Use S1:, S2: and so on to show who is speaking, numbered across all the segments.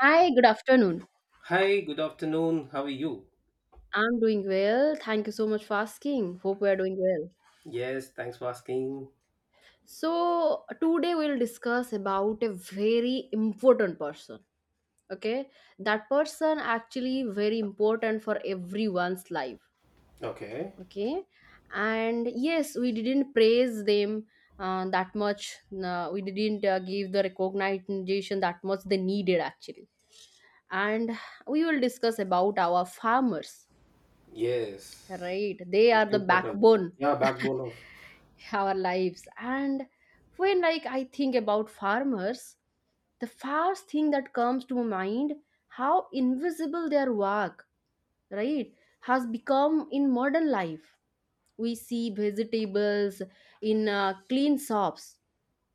S1: Hi, good afternoon.
S2: Hi, good afternoon. How are you?
S1: I'm doing well. Thank you so much for asking. Hope we are doing well.
S2: Yes, thanks for asking.
S1: Today we'll discuss about a very important person. Okay, that person actually very important for everyone's life.
S2: Okay.
S1: Okay, and yes, we didn't praise them that much. We didn't give the recognition that much they needed actually. And we will discuss about our farmers.
S2: Yes.
S1: Right, they
S2: It's
S1: are the
S2: important.
S1: backbone
S2: Yeah, backbone of.
S1: our lives. And when I think about farmers, the first thing that comes to mind, how invisible their work, right, has become in modern life. We see vegetables in clean shops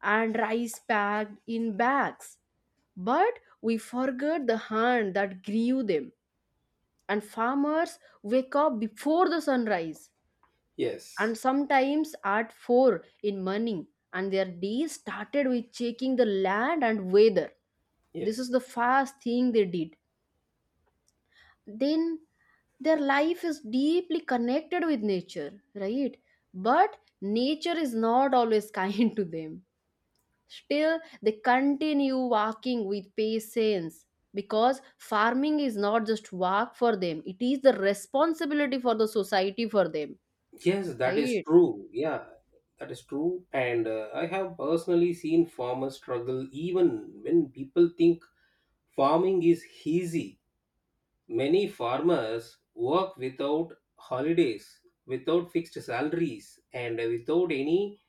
S1: and rice packed in bags, but we forget the hand that grew them. And farmers wake up before the sunrise,
S2: Yes.
S1: and sometimes at 4 in morning, and their day started with checking the land and weather. This is
S2: Yes.
S1: the first thing they did. Then their life is deeply connected with nature, right? But nature is not always kind to them. Still they continue walking with patience, because farming is not just work for them, it is the responsibility for the society for them,
S2: Yes, that is
S1: right?
S2: true. Yeah, that is true. And I have personally seen farmers struggle even when people think farming is easy. Many farmers work without holidays, without fixed salaries, and without any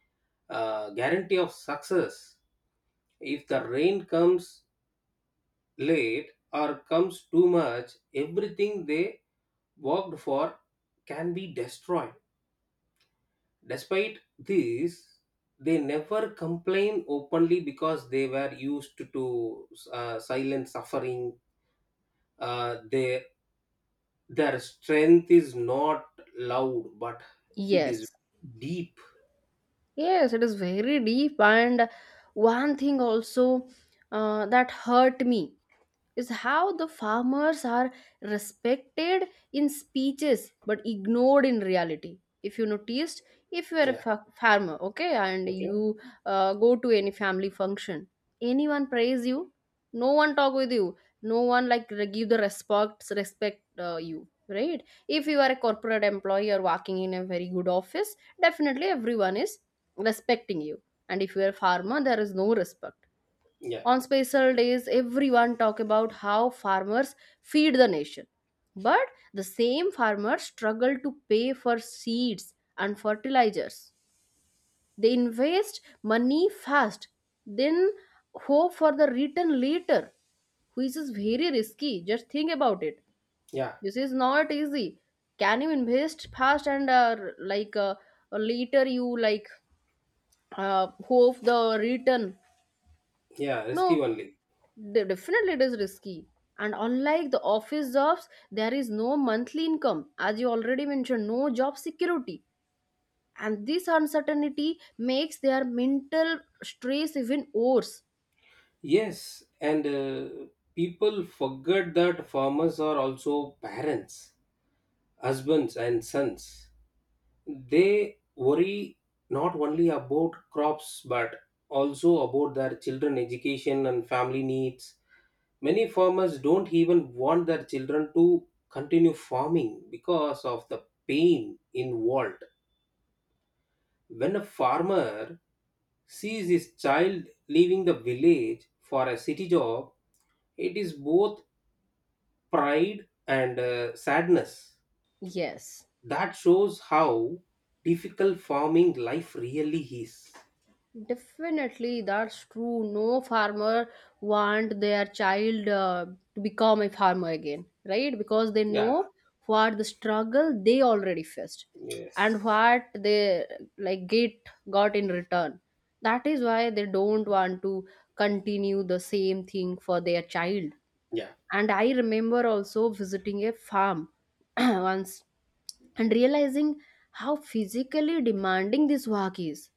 S2: guarantee of success. If the rain comes late or comes too much, everything they worked for can be destroyed. Despite this, they never complain openly because they were used to silent suffering. Uh, their their strength is not loud, but it is
S1: Yes,
S2: deep.
S1: yes, it is very deep. And one thing also, that hurt me, is how the farmers are respected in speeches but ignored in reality. If you noticed, if you are a
S2: Yeah.
S1: farmer, okay, and
S2: Okay.
S1: you go to any family function, anyone praise you, no one talk with you, no one like give the respect, respect, you, right? If you are a corporate employee or working in a very good office, definitely everyone is respecting you. And if you are a farmer, there is no respect.
S2: Yeah,
S1: On special days, everyone talk about how farmers feed the nation. But the same farmers struggle to pay for seeds and fertilizers. They invest money fast, then hope for the return later, which is very risky. Just think about it.
S2: yeah,
S1: This is not easy. Can you invest fast and later you hope the return?
S2: yeah. Risky
S1: No,
S2: only.
S1: Definitely it is risky. And unlike the office jobs, there is no monthly income, as you already mentioned, no job security. And this uncertainty makes their mental stress even worse.
S2: Yes, and people forget that farmers are also parents, husbands, and sons. They worry not only about crops but also about their children education and family needs. Many farmers don't even want their children to continue farming because of the pain involved. When a farmer sees his child leaving the village for a city job, it is both pride and sadness.
S1: Yes,
S2: That shows how difficult farming life really is.
S1: definitely, that's true. No farmer want their child to become a farmer again, right? Because they
S2: Yeah.
S1: know what the struggle they already faced, and
S2: Yes.
S1: what they like get got in return. That is why they don't want to continue the same thing for their child.
S2: Yeah.
S1: And I remember also visiting a farm once and realizing how physically demanding this work is,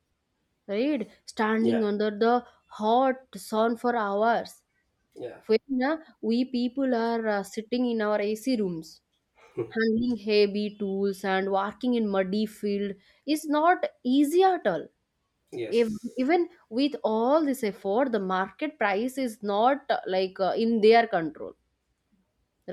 S1: right? Standing
S2: Yeah.
S1: under the hot sun for hours,
S2: Yeah.
S1: when we people are sitting in our AC rooms, handling heavy tools and working in muddy field is not easy at all. If,
S2: Yes.
S1: even with all this effort, the market price is not in their control,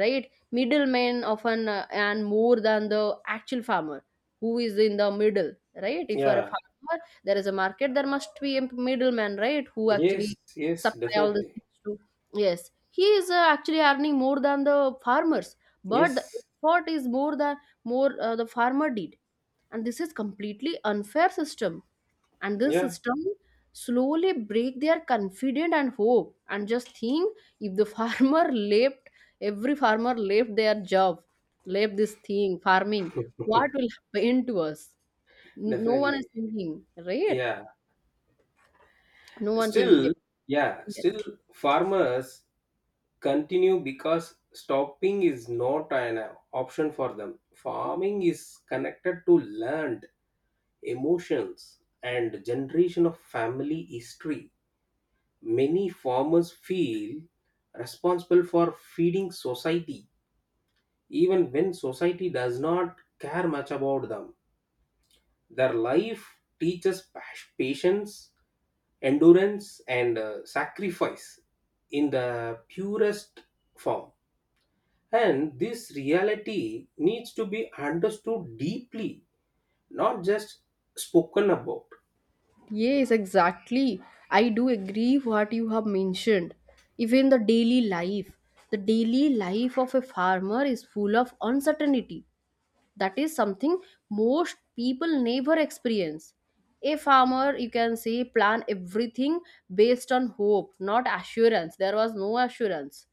S1: right? Middlemen often and more than the actual farmer, who is in the middle, right? If you are a
S2: Yeah.
S1: farmer, there is a market, there must be a middleman, right, who
S2: Yes,
S1: actually
S2: yes,
S1: supply all the
S2: definitely.
S1: things to. Yes, he is actually earning more than the farmers, but the
S2: Yes.
S1: effort is more than, more the farmer did. And this is completely unfair system. And this
S2: Yeah,
S1: system slowly break their confidence and hope. And just think, if the farmer left, every farmer left their job, left this thing farming, what will happen to us? No one is
S2: definitely.
S1: thinking, right?
S2: Yeah,
S1: No one thinking
S2: still.
S1: about
S2: Yeah,
S1: it. Yes,
S2: still farmers continue because stopping is not an option for them. Farming is connected to land, emotions, and generation of family history. Many farmers feel responsible for feeding society, even when society does not care much about them. Their life teaches patience, endurance, and sacrifice in the purest form. And this reality needs to be understood deeply, not just spoken about.
S1: yes, exactly. I do agree what you have mentioned. Even the daily life of a farmer is full of uncertainty, that is something most people never experience. A farmer you can say plan everything based on hope, not assurance. There was no assurance.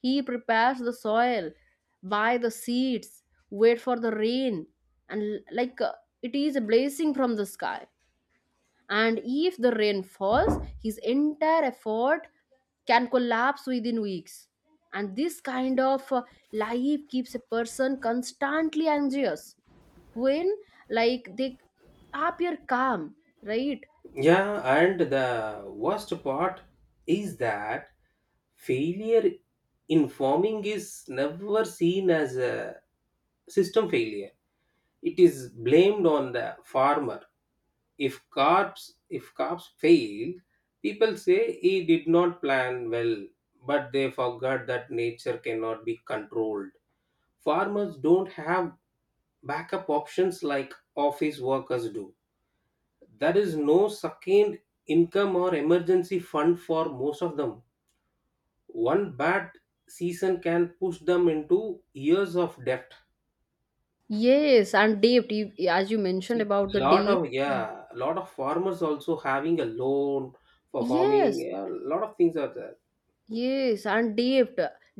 S1: He prepares the soil, buy the seeds, wait for the rain, and it is a blessing from the sky. And if the rain falls, his entire effort can collapse within weeks. And this kind of life keeps a person constantly anxious, when like they appear calm, right?
S2: Yeah, and the worst part is that failure in farming is never seen as a system failure. It is blamed on the farmer. If crops fail, people say he did not plan well, but they forgot that nature cannot be controlled. Farmers don't have backup options like office workers do. There is no second income or emergency fund for most of them. One bad season can push them into years of debt.
S1: Yes, and debt, as you mentioned
S2: See,
S1: about the
S2: lot
S1: debt.
S2: of, yeah, lot of farmers also having a loan for
S1: Yes,
S2: farming. A lot of things are there.
S1: yes, and debt,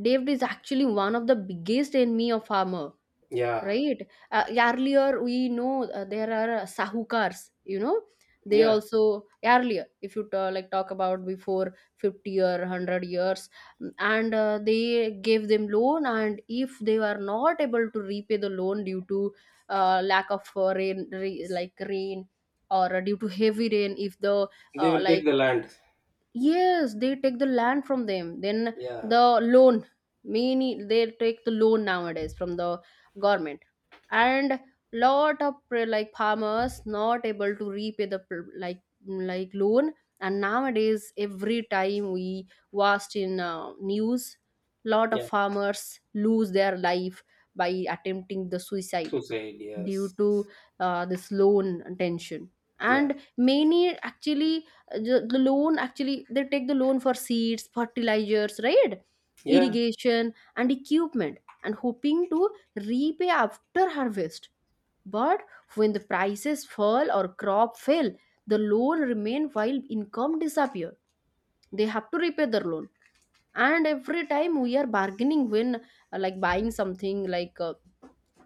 S1: debt is actually one of the biggest enemy of farmer,
S2: Yeah.
S1: right? Earlier, we know there are sahukars, you know. They
S2: Yeah,
S1: also earlier, if you talk about before 50 or 100 years, mm, and they gave them loan, and if they were not able to repay the loan due to lack of rain, like rain, or due to heavy rain, if the
S2: they
S1: uh,
S2: will take
S1: like
S2: the land.
S1: yes, they take the land from them. Then
S2: Yeah.
S1: the loan, many they take the loan nowadays from the government, and lot of like farmers not able to repay the like loan. And nowadays, every time we watched in news, lot of
S2: Yeah,
S1: farmers lose their life by attempting the suicide,
S2: suicide.
S1: due
S2: Yes.
S1: to this loan tension.
S2: Yeah.
S1: And many actually the loan, actually they take the loan for seeds, fertilizers, right,
S2: Yeah.
S1: irrigation and equipment, and hoping to repay after harvest. But when the prices fall or crop fail, the loan remain while income disappear. They have to repay their loan. And every time we are bargaining when like buying something like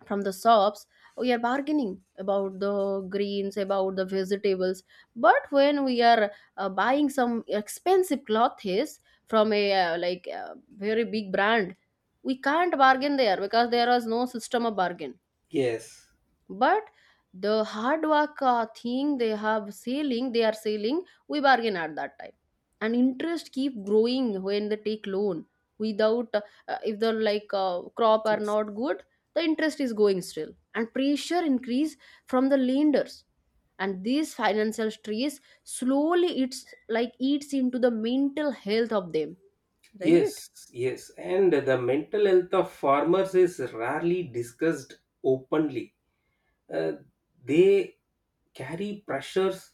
S1: from the shops, we are bargaining about the greens, about the vegetables. But when we are buying some expensive clothes from a very big brand, we can't bargain there, because there was no system of bargain.
S2: Yes.
S1: But the hard work thing they have selling, they are selling, we bargain at that time. And interest keep growing when they take loan, without if the crop are
S2: Yes,
S1: not good, the interest is going still and pressure increase from the lenders. And this financial stress slowly it's like eats into the mental health of them,
S2: yes,
S1: right?
S2: yes. And the mental health of farmers is rarely discussed openly. uh, they carry pressures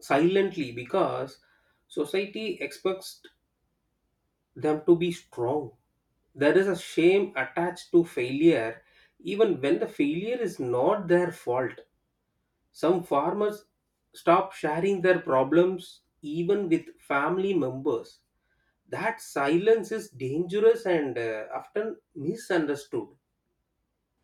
S2: silently because society expects them to be strong. There is a shame attached to failure, even when the failure is not their fault. Some farmers stop sharing their problems even with family members. That silence is dangerous and often misunderstood.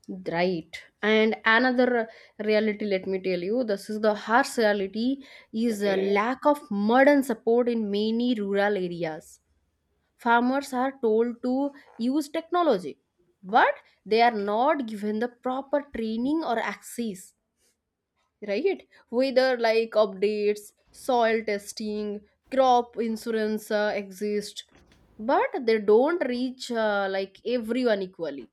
S1: Right. And another reality, let me tell you, this is the harsh reality, is a
S2: Okay.
S1: lack of mud and support in many rural areas. Farmers are told to use technology, but they are not given the proper training or access, right? Whether like updates, soil testing, crop insurance exist, but they don't reach like everyone equally,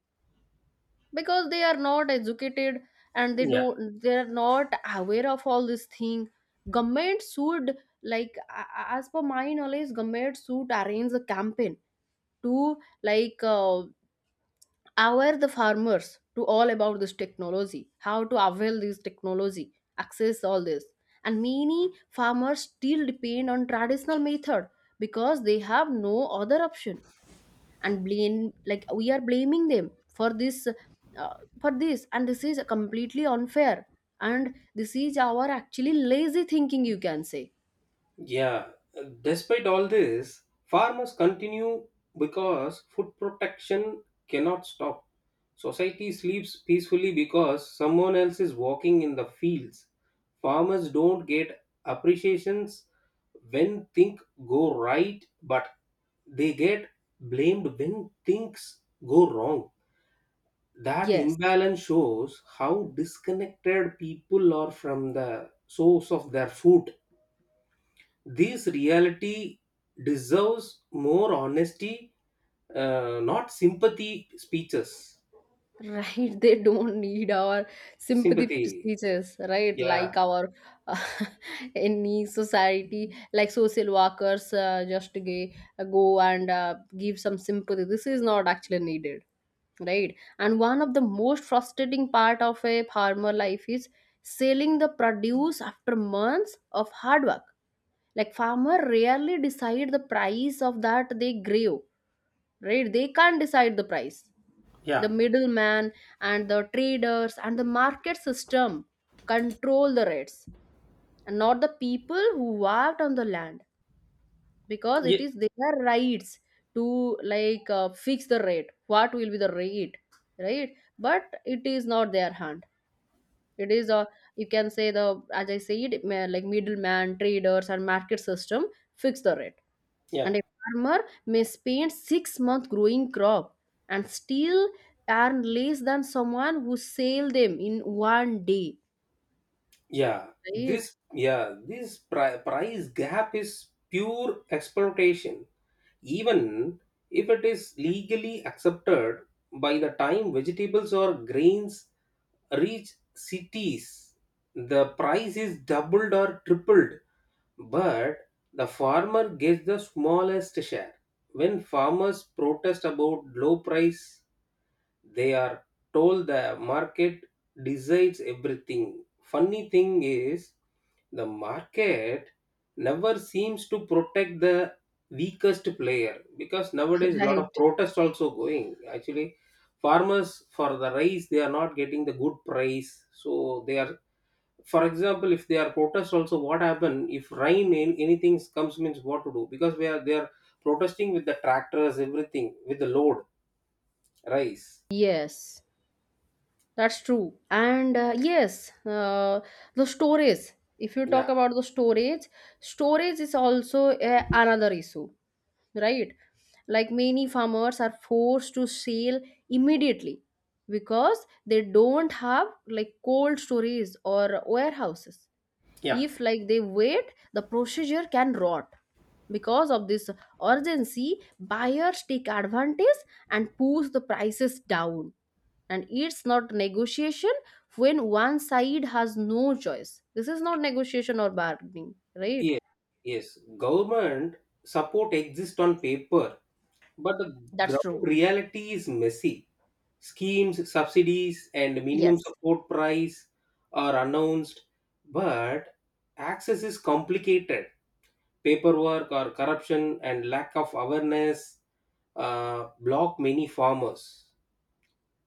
S1: because they are not educated and they
S2: Yeah.
S1: don't, they are not aware of all this thing. Government should as per my knowledge, government should arrange a campaign to like uh, aware the farmers to all about this technology, how to avail this technology, access all this. And many farmers still depend on traditional method because they have no other option. And blame, like we are blaming them for this, uh, for this, and this is completely unfair. And this is our actually lazy thinking, you can say.
S2: Yeah, despite all this, farmers continue because food protection cannot stop. Society sleeps peacefully because someone else is walking in the fields. Farmers don't get appreciations when things go right, but they get blamed when things go wrong. That
S1: Yes.
S2: imbalance shows how disconnected people are from the source of their food. This reality deserves more honesty, not sympathy speeches.
S1: Right, they don't need our sympathy
S2: Sympathy,
S1: speeches, right?
S2: yeah.
S1: Like our uh, any society, like social workers, just gay, go and give some sympathy. This is not actually needed, right? And one of the most frustrating part of a farmer life is selling the produce after months of hard work. Like farmer rarely decide the price of that they grave, right? They can't decide the price.
S2: Yeah,
S1: The middleman and the traders and the market system control the rates, and not the people who worked on the land, because
S2: yeah,
S1: it is their rights to fix the rate, what will be the rate, right? But it is not their hand. It is a, you can say the, as I said, middleman, traders, and market system fix the rate.
S2: yeah,
S1: And a farmer may spend 6 months growing crop and still earn less than someone who sell them in one day.
S2: yeah.
S1: Right,
S2: This price gap is pure exploitation. Even if it is legally accepted, by the time vegetables or grains reach cities, the price is doubled or tripled. But the farmer gets the smallest share. When farmers protest about low price, they are told the market decides everything. Funny thing is, the market never seems to protect the weakest player, because nowadays a lot of
S1: right.
S2: protest also going. Actually, farmers for the rice they are not getting the good price, so they are, for example, if they are protest also, what happen if rain anything comes, means what to do, because we are they are protesting with the tractors, everything with the load, rice.
S1: Yes, that's true. And the storage. If you
S2: Yeah.
S1: talk about the storage, storage is also a, another issue. Right? Like many farmers are forced to sell immediately, because they don't have like cold storage or warehouses.
S2: Yeah.
S1: If like they wait, the procedure can rot. Because of this urgency, buyers take advantage and push the prices down. And it's not negotiation when one side has no choice. This is not negotiation or bargaining, right?
S2: Yes. Yes, government support exists on paper, but the
S1: That's
S2: ground
S1: true.
S2: reality is messy. Schemes, subsidies, and minimum
S1: Yes.
S2: support price are announced, but access is complicated. Paperwork or corruption and lack of awareness block many farmers.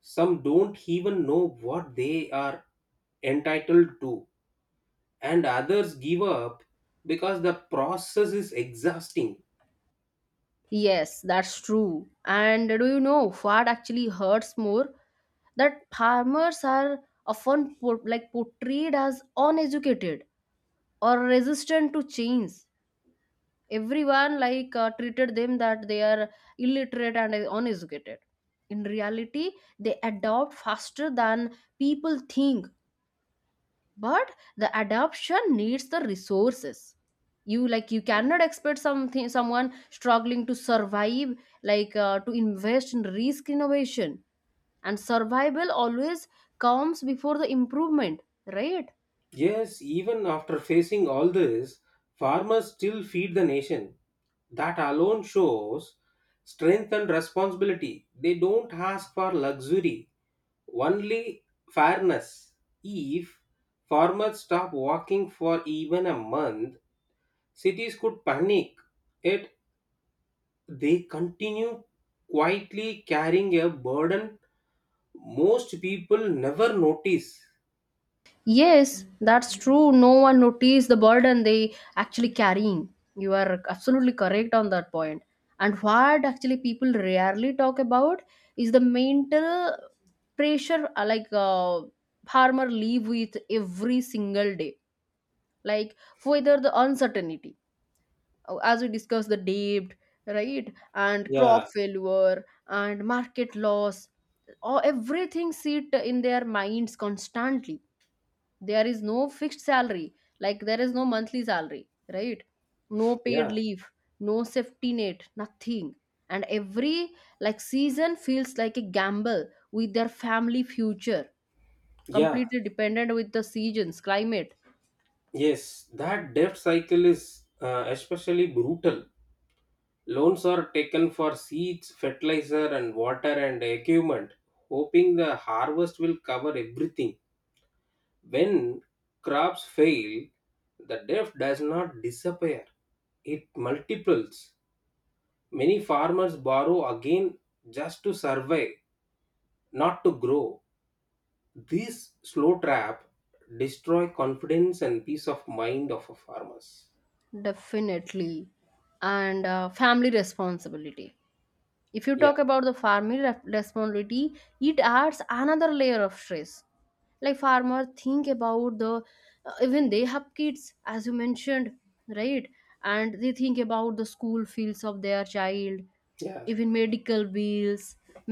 S2: Some don't even know what they are entitled to, and others give up because the process is exhausting.
S1: Yes, that's true. And do you know what actually hurts more? That farmers are often portrayed as uneducated or resistant to change. Everyone like treated them that they are illiterate and uneducated. In reality, they adopt faster than people think, but the adoption needs the resources. You like you cannot expect something, someone struggling to survive like to invest in risk innovation. And survival always comes before the improvement, right?
S2: Yes, even after facing all this, farmers still feed the nation. That alone shows strength and responsibility. They don't ask for luxury, only fairness. If farmers stop working for even a month, cities could panic, yet they continue quietly carrying a burden most people never notice.
S1: Yes, that's true. No one noticed the burden they actually carrying. You are absolutely correct on that point. And what actually people rarely talk about is the mental pressure, farmer live with every single day. Like whether the uncertainty, as we discussed, the debt, right, and crop
S2: Yeah.
S1: failure and market loss, or everything sit in their minds constantly. There is no fixed salary, like there is no monthly salary, right? No paid
S2: Yeah.
S1: leave, no safety net, nothing. And every like season feels like a gamble with their family future,
S2: Yeah.
S1: completely dependent with the seasons climate.
S2: Yes. That debt cycle is especially brutal. Loans are taken for seeds, fertilizer, and water and equipment, hoping the harvest will cover everything. When crops fail, the debt does not disappear, it multiples. Many farmers borrow again just to survive, not to grow. This slow trap destroy confidence and peace of mind of a farmers.
S1: Definitely. And family responsibility. If you
S2: Yeah.
S1: talk about the farming responsibility, it adds another layer of stress. Like farmers think about the even they have kids, as you mentioned, right? And they think about the school fields of their child,
S2: Yeah.
S1: even medical bills,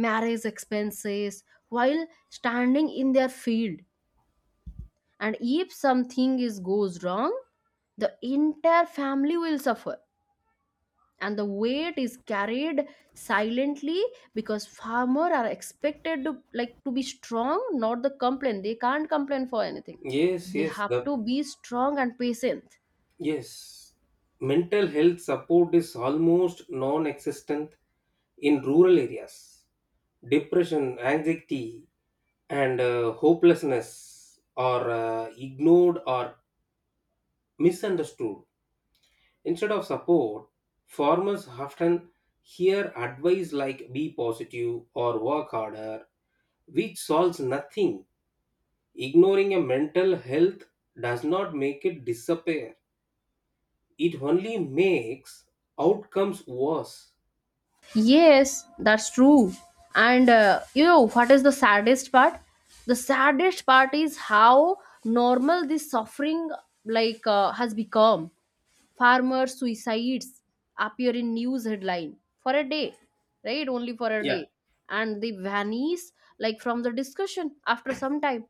S1: marriage expenses, while standing in their field. And if something is goes wrong, the entire family will suffer and the weight is carried silently, because farmer are expected to like to be strong, not the complain, they can't complain for anything.
S2: Yes,
S1: They
S2: yes,
S1: have
S2: the
S1: to be strong and patient.
S2: yes. Mental health support is almost non-existent in rural areas. Depression, anxiety, and hopelessness are ignored or misunderstood. Instead of support, farmers often hear advice like be positive or work harder, which solves nothing. Ignoring a mental health does not make it disappear, it only makes outcomes worse.
S1: Yes, that's true. And you know what is the saddest part? The saddest part is how normal this suffering has become. Farmer suicides appear in news headline for a day, right, only for a
S2: Yeah.
S1: day, and they vanish like from the discussion. After some time,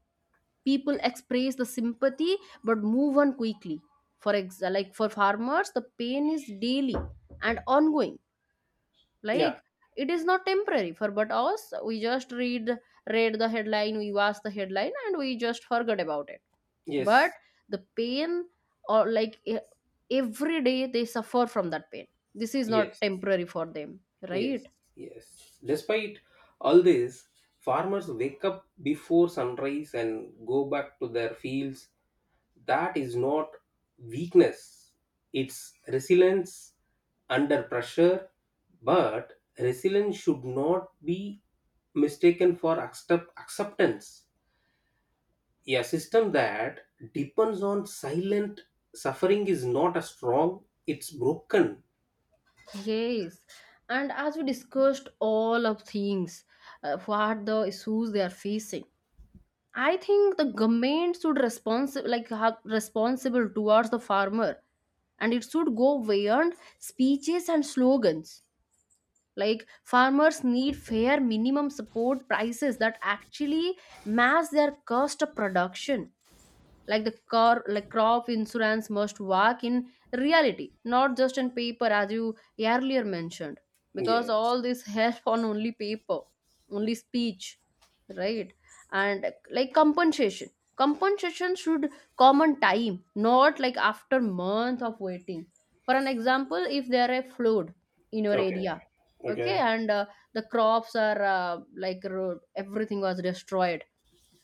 S1: people express the sympathy but move on quickly. Like for farmers the pain is daily and ongoing.
S2: Yeah.
S1: Like it is not temporary for but us, we just read the headline, we watch the headline and we just forget about it. But
S2: Yes.
S1: the pain, or like e- every day they suffer from that pain. This is not
S2: Yes.
S1: temporary for them,
S2: Yes.
S1: right?
S2: Yes. Despite all this, farmers wake up before sunrise and go back to their fields. That is not weakness, it's resilience under pressure. But resilience should not be mistaken for acceptance. A system that depends on silent suffering is not a strong, it's broken.
S1: Yes. And as we discussed all of things, what the issues they are facing, I think the government should responsible, like have responsible towards the farmer, and it should go beyond speeches and slogans. Like farmers need fair minimum support prices that actually match their cost of production. Like the car like crop insurance must work in reality, not just in paper, as you earlier mentioned, because
S2: Yes.
S1: all this help on only paper, only speech, right? And like compensation should come on time, not like after month of waiting. For an example, if there are a flood in your
S2: Okay.
S1: area, okay,
S2: Okay,
S1: and the crops are everything was destroyed,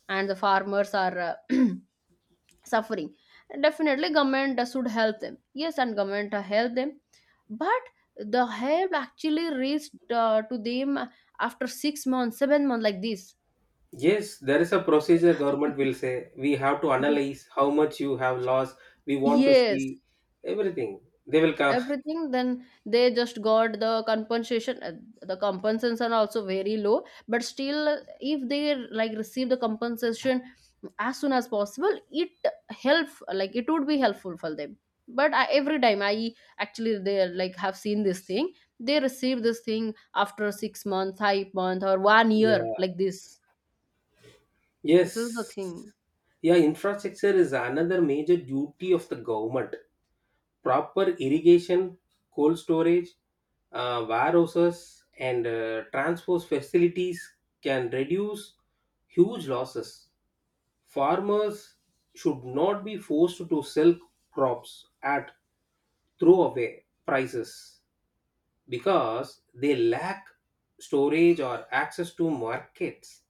S1: and the farmers are uh, suffering, definitely government should help them. Yes, and government help them, but the help actually reached to them after 6 months, 7 months, like this.
S2: yes, there is a procedure. Government will say we have to analyze how much you have lost, we want to
S1: Yes,
S2: see everything, they will come.
S1: everything, then they just got the compensation. The compensations are also very low, but still, if they like receive the compensation as soon as possible, it help, like it would be helpful for them. But every time I actually they like have seen this thing, they receive this thing after 6 months, 5 months, or one year
S2: Yeah.
S1: like this. This is the
S2: Yes.
S1: thing.
S2: Yeah, infrastructure is another major duty of the government. Proper irrigation, cold storage, warehouses, and transport facilities can reduce huge losses. Farmers should not be forced to sell crops at throwaway prices because they lack storage or access to markets.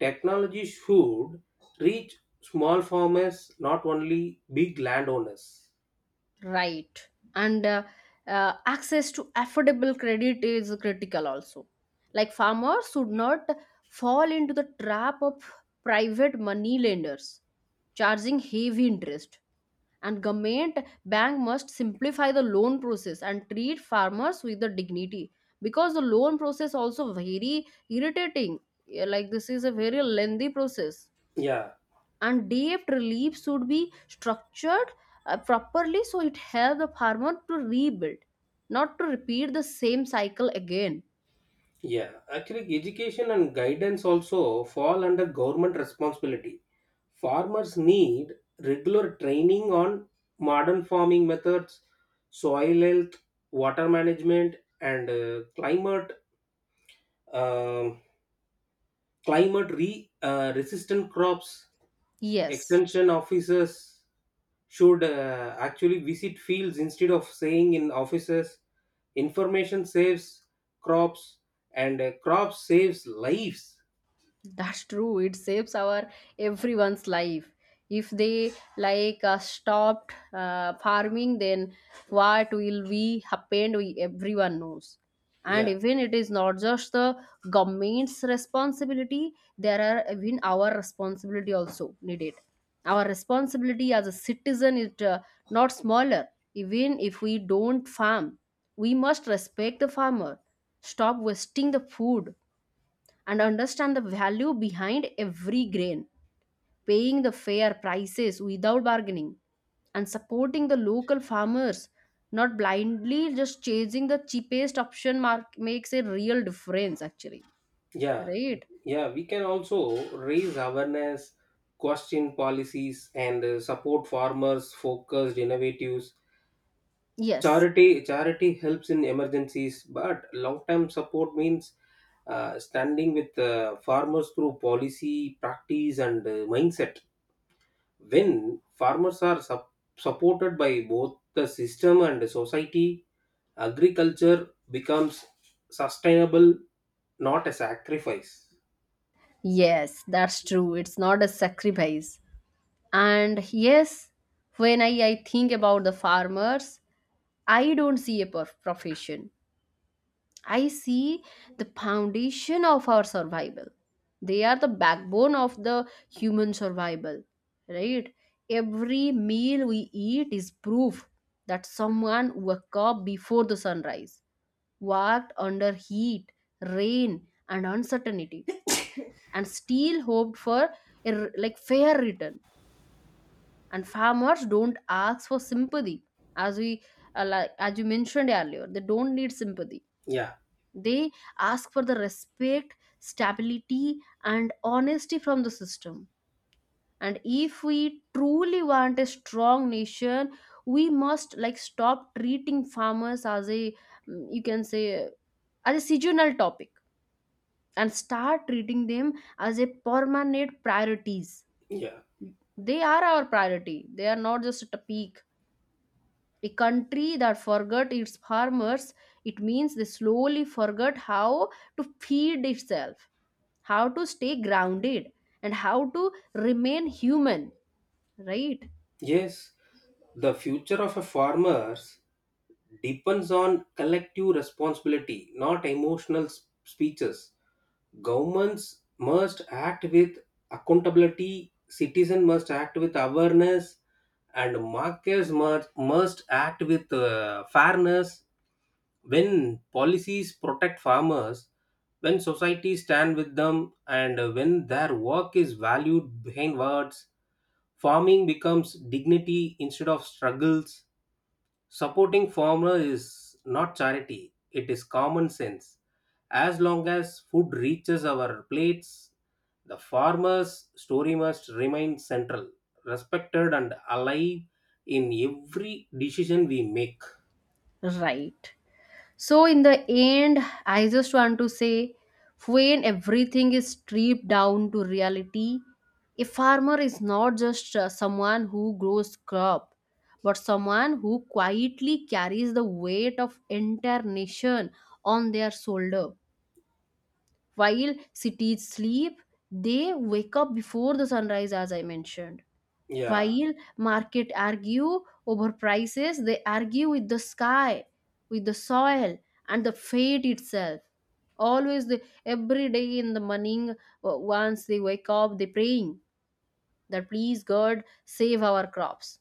S2: Technology should reach small farmers, not only big landowners.
S1: Right. And access to affordable credit is critical also. Like farmers should not fall into the trap of private money lenders charging heavy interest. And government bank must simplify the loan process and treat farmers with the dignity, because the loan process also very irritating. Yeah, like this is a very lengthy process,
S2: Yeah.
S1: and debt relief should be structured properly, so it helps the farmer to rebuild, not to repeat the same cycle again.
S2: Yeah. Actually, education and guidance also fall under government responsibility. Farmers need regular training on modern farming methods, soil health, water management, and um, resistant crops.
S1: Yes.
S2: Extension officers should actually visit fields instead of saying in offices. Information saves crops and crops saves lives.
S1: That's true. It saves our everyone's life. If they stopped farming, then what will we happen? We everyone knows. And
S2: Yeah.
S1: even it is not just the government's responsibility. There are even our responsibility also needed. Our responsibility as a citizen is not smaller. Even if we don't farm, we must respect the farmer. Stop wasting the food and understand the value behind every grain, paying the fair prices without bargaining, and supporting the local farmers, not blindly just chasing the cheapest option mark makes a real difference actually.
S2: Yeah.
S1: Right?
S2: Yeah. We can also raise awareness, question policies, and support farmers focused innovatives.
S1: Yes.
S2: Charity helps in emergencies, but long term support means standing with farmers through policy, practice, and mindset. When farmers are supported by both the system and the society, agriculture becomes sustainable, not a sacrifice.
S1: Yes, that's true. It's not a sacrifice. And yes, when I think about the farmers, I don't see a profession. I see the foundation of our survival. They are the backbone of the human survival, right? Every meal we eat is proof that someone woke up before the sunrise, worked under heat, rain, and uncertainty, and still hoped for a fair return. And farmers don't ask for sympathy, as we as you mentioned earlier, they don't need sympathy,
S2: Yeah.
S1: they ask for the respect, stability, and honesty from the system. And if we truly want a strong nation, we must like stop treating farmers as a you can say as a seasonal topic, and start treating them as a permanent priorities.
S2: Yeah.
S1: They are our priority. They are not just a peak. A country that forgot its farmers, it means they slowly forgot how to feed itself, how to stay grounded, and how to remain human, right?
S2: Yes, the future of a farmers depends on collective responsibility, not emotional speeches. Governments must act with accountability, citizens must act with awareness, and markets must act with fairness. When policies protect farmers, when societies stand with them, and when their work is valued behind words, farming becomes dignity instead of struggles. Supporting farmer is not charity, it is common sense. As long as food reaches our plates, the farmer's story must remain central, respected, and alive in every decision we make.
S1: Right. So, in the end, I just want to say, when everything is stripped down to reality, a farmer is not just someone who grows crop, but someone who quietly carries the weight of entire nation on their shoulder. While cities sleep, they wake up before the sunrise, as I mentioned.
S2: Yeah.
S1: While market argue over prices, they argue with the sky, with the soil, and the fate itself. Always, every day in the morning, once they wake up, they praying that please God save our crops.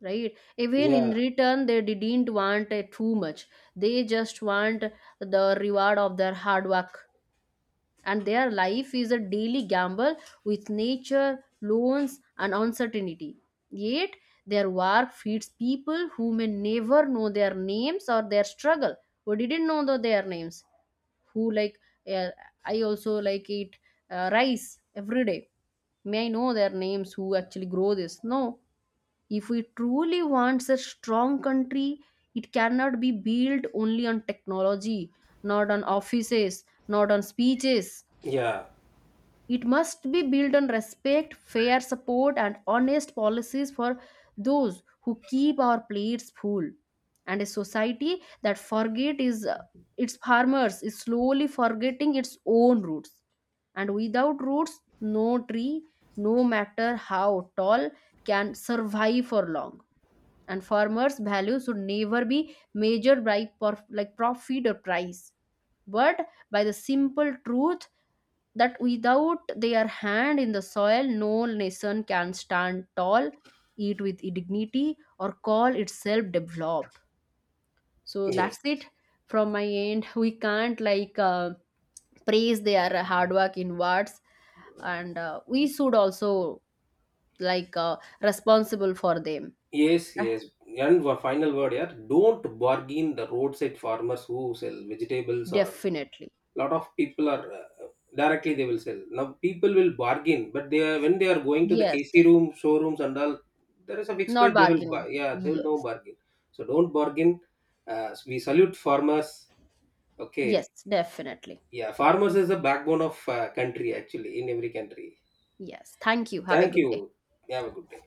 S1: Right? Even in
S2: Yeah.
S1: return, they didn't want too much. They just want the reward of their hard work, and their life is a daily gamble with nature, loans, and uncertainty. Yet, their work feeds people who may never know their names or their struggle, who didn't know their names, who uh, I also like eat rice every day. May I know their names who actually grow this? No. If we truly want a strong country, it cannot be built only on technology, not on offices, not on speeches.
S2: Yeah.
S1: It must be built on respect, fair support, and honest policies for those who keep our plates full. And a society that forget is its farmers is slowly forgetting its own roots. And without roots, no tree, no matter how tall, can survive for long. And farmers' value should never be measured by profit or price, but by the simple truth that without their hand in the soil, no nation can stand tall, eat with dignity, or call itself developed. So
S2: Yes.
S1: that's it from my end. We can't praise their hard work in words, and we should also responsible for them.
S2: Yes,
S1: Ah,
S2: yes. And one final word here. Don't bargain the roadside farmers who sell vegetables, or
S1: definitely,
S2: lot of people are directly they will sell. Now people will bargain, but they are when they are going to the
S1: yes.
S2: AC room, showrooms and all, there is a fixed
S1: Not
S2: price they will buy.
S1: bargaining.
S2: Yeah, they will no
S1: Yes,
S2: bargain. So don't bargain. We salute farmers.
S1: yes,
S2: Okay.
S1: definitely.
S2: Yeah, farmers is the backbone of country actually in every country.
S1: Yes. Thank you. Have a
S2: Thank
S1: good day.
S2: you. Have a good day.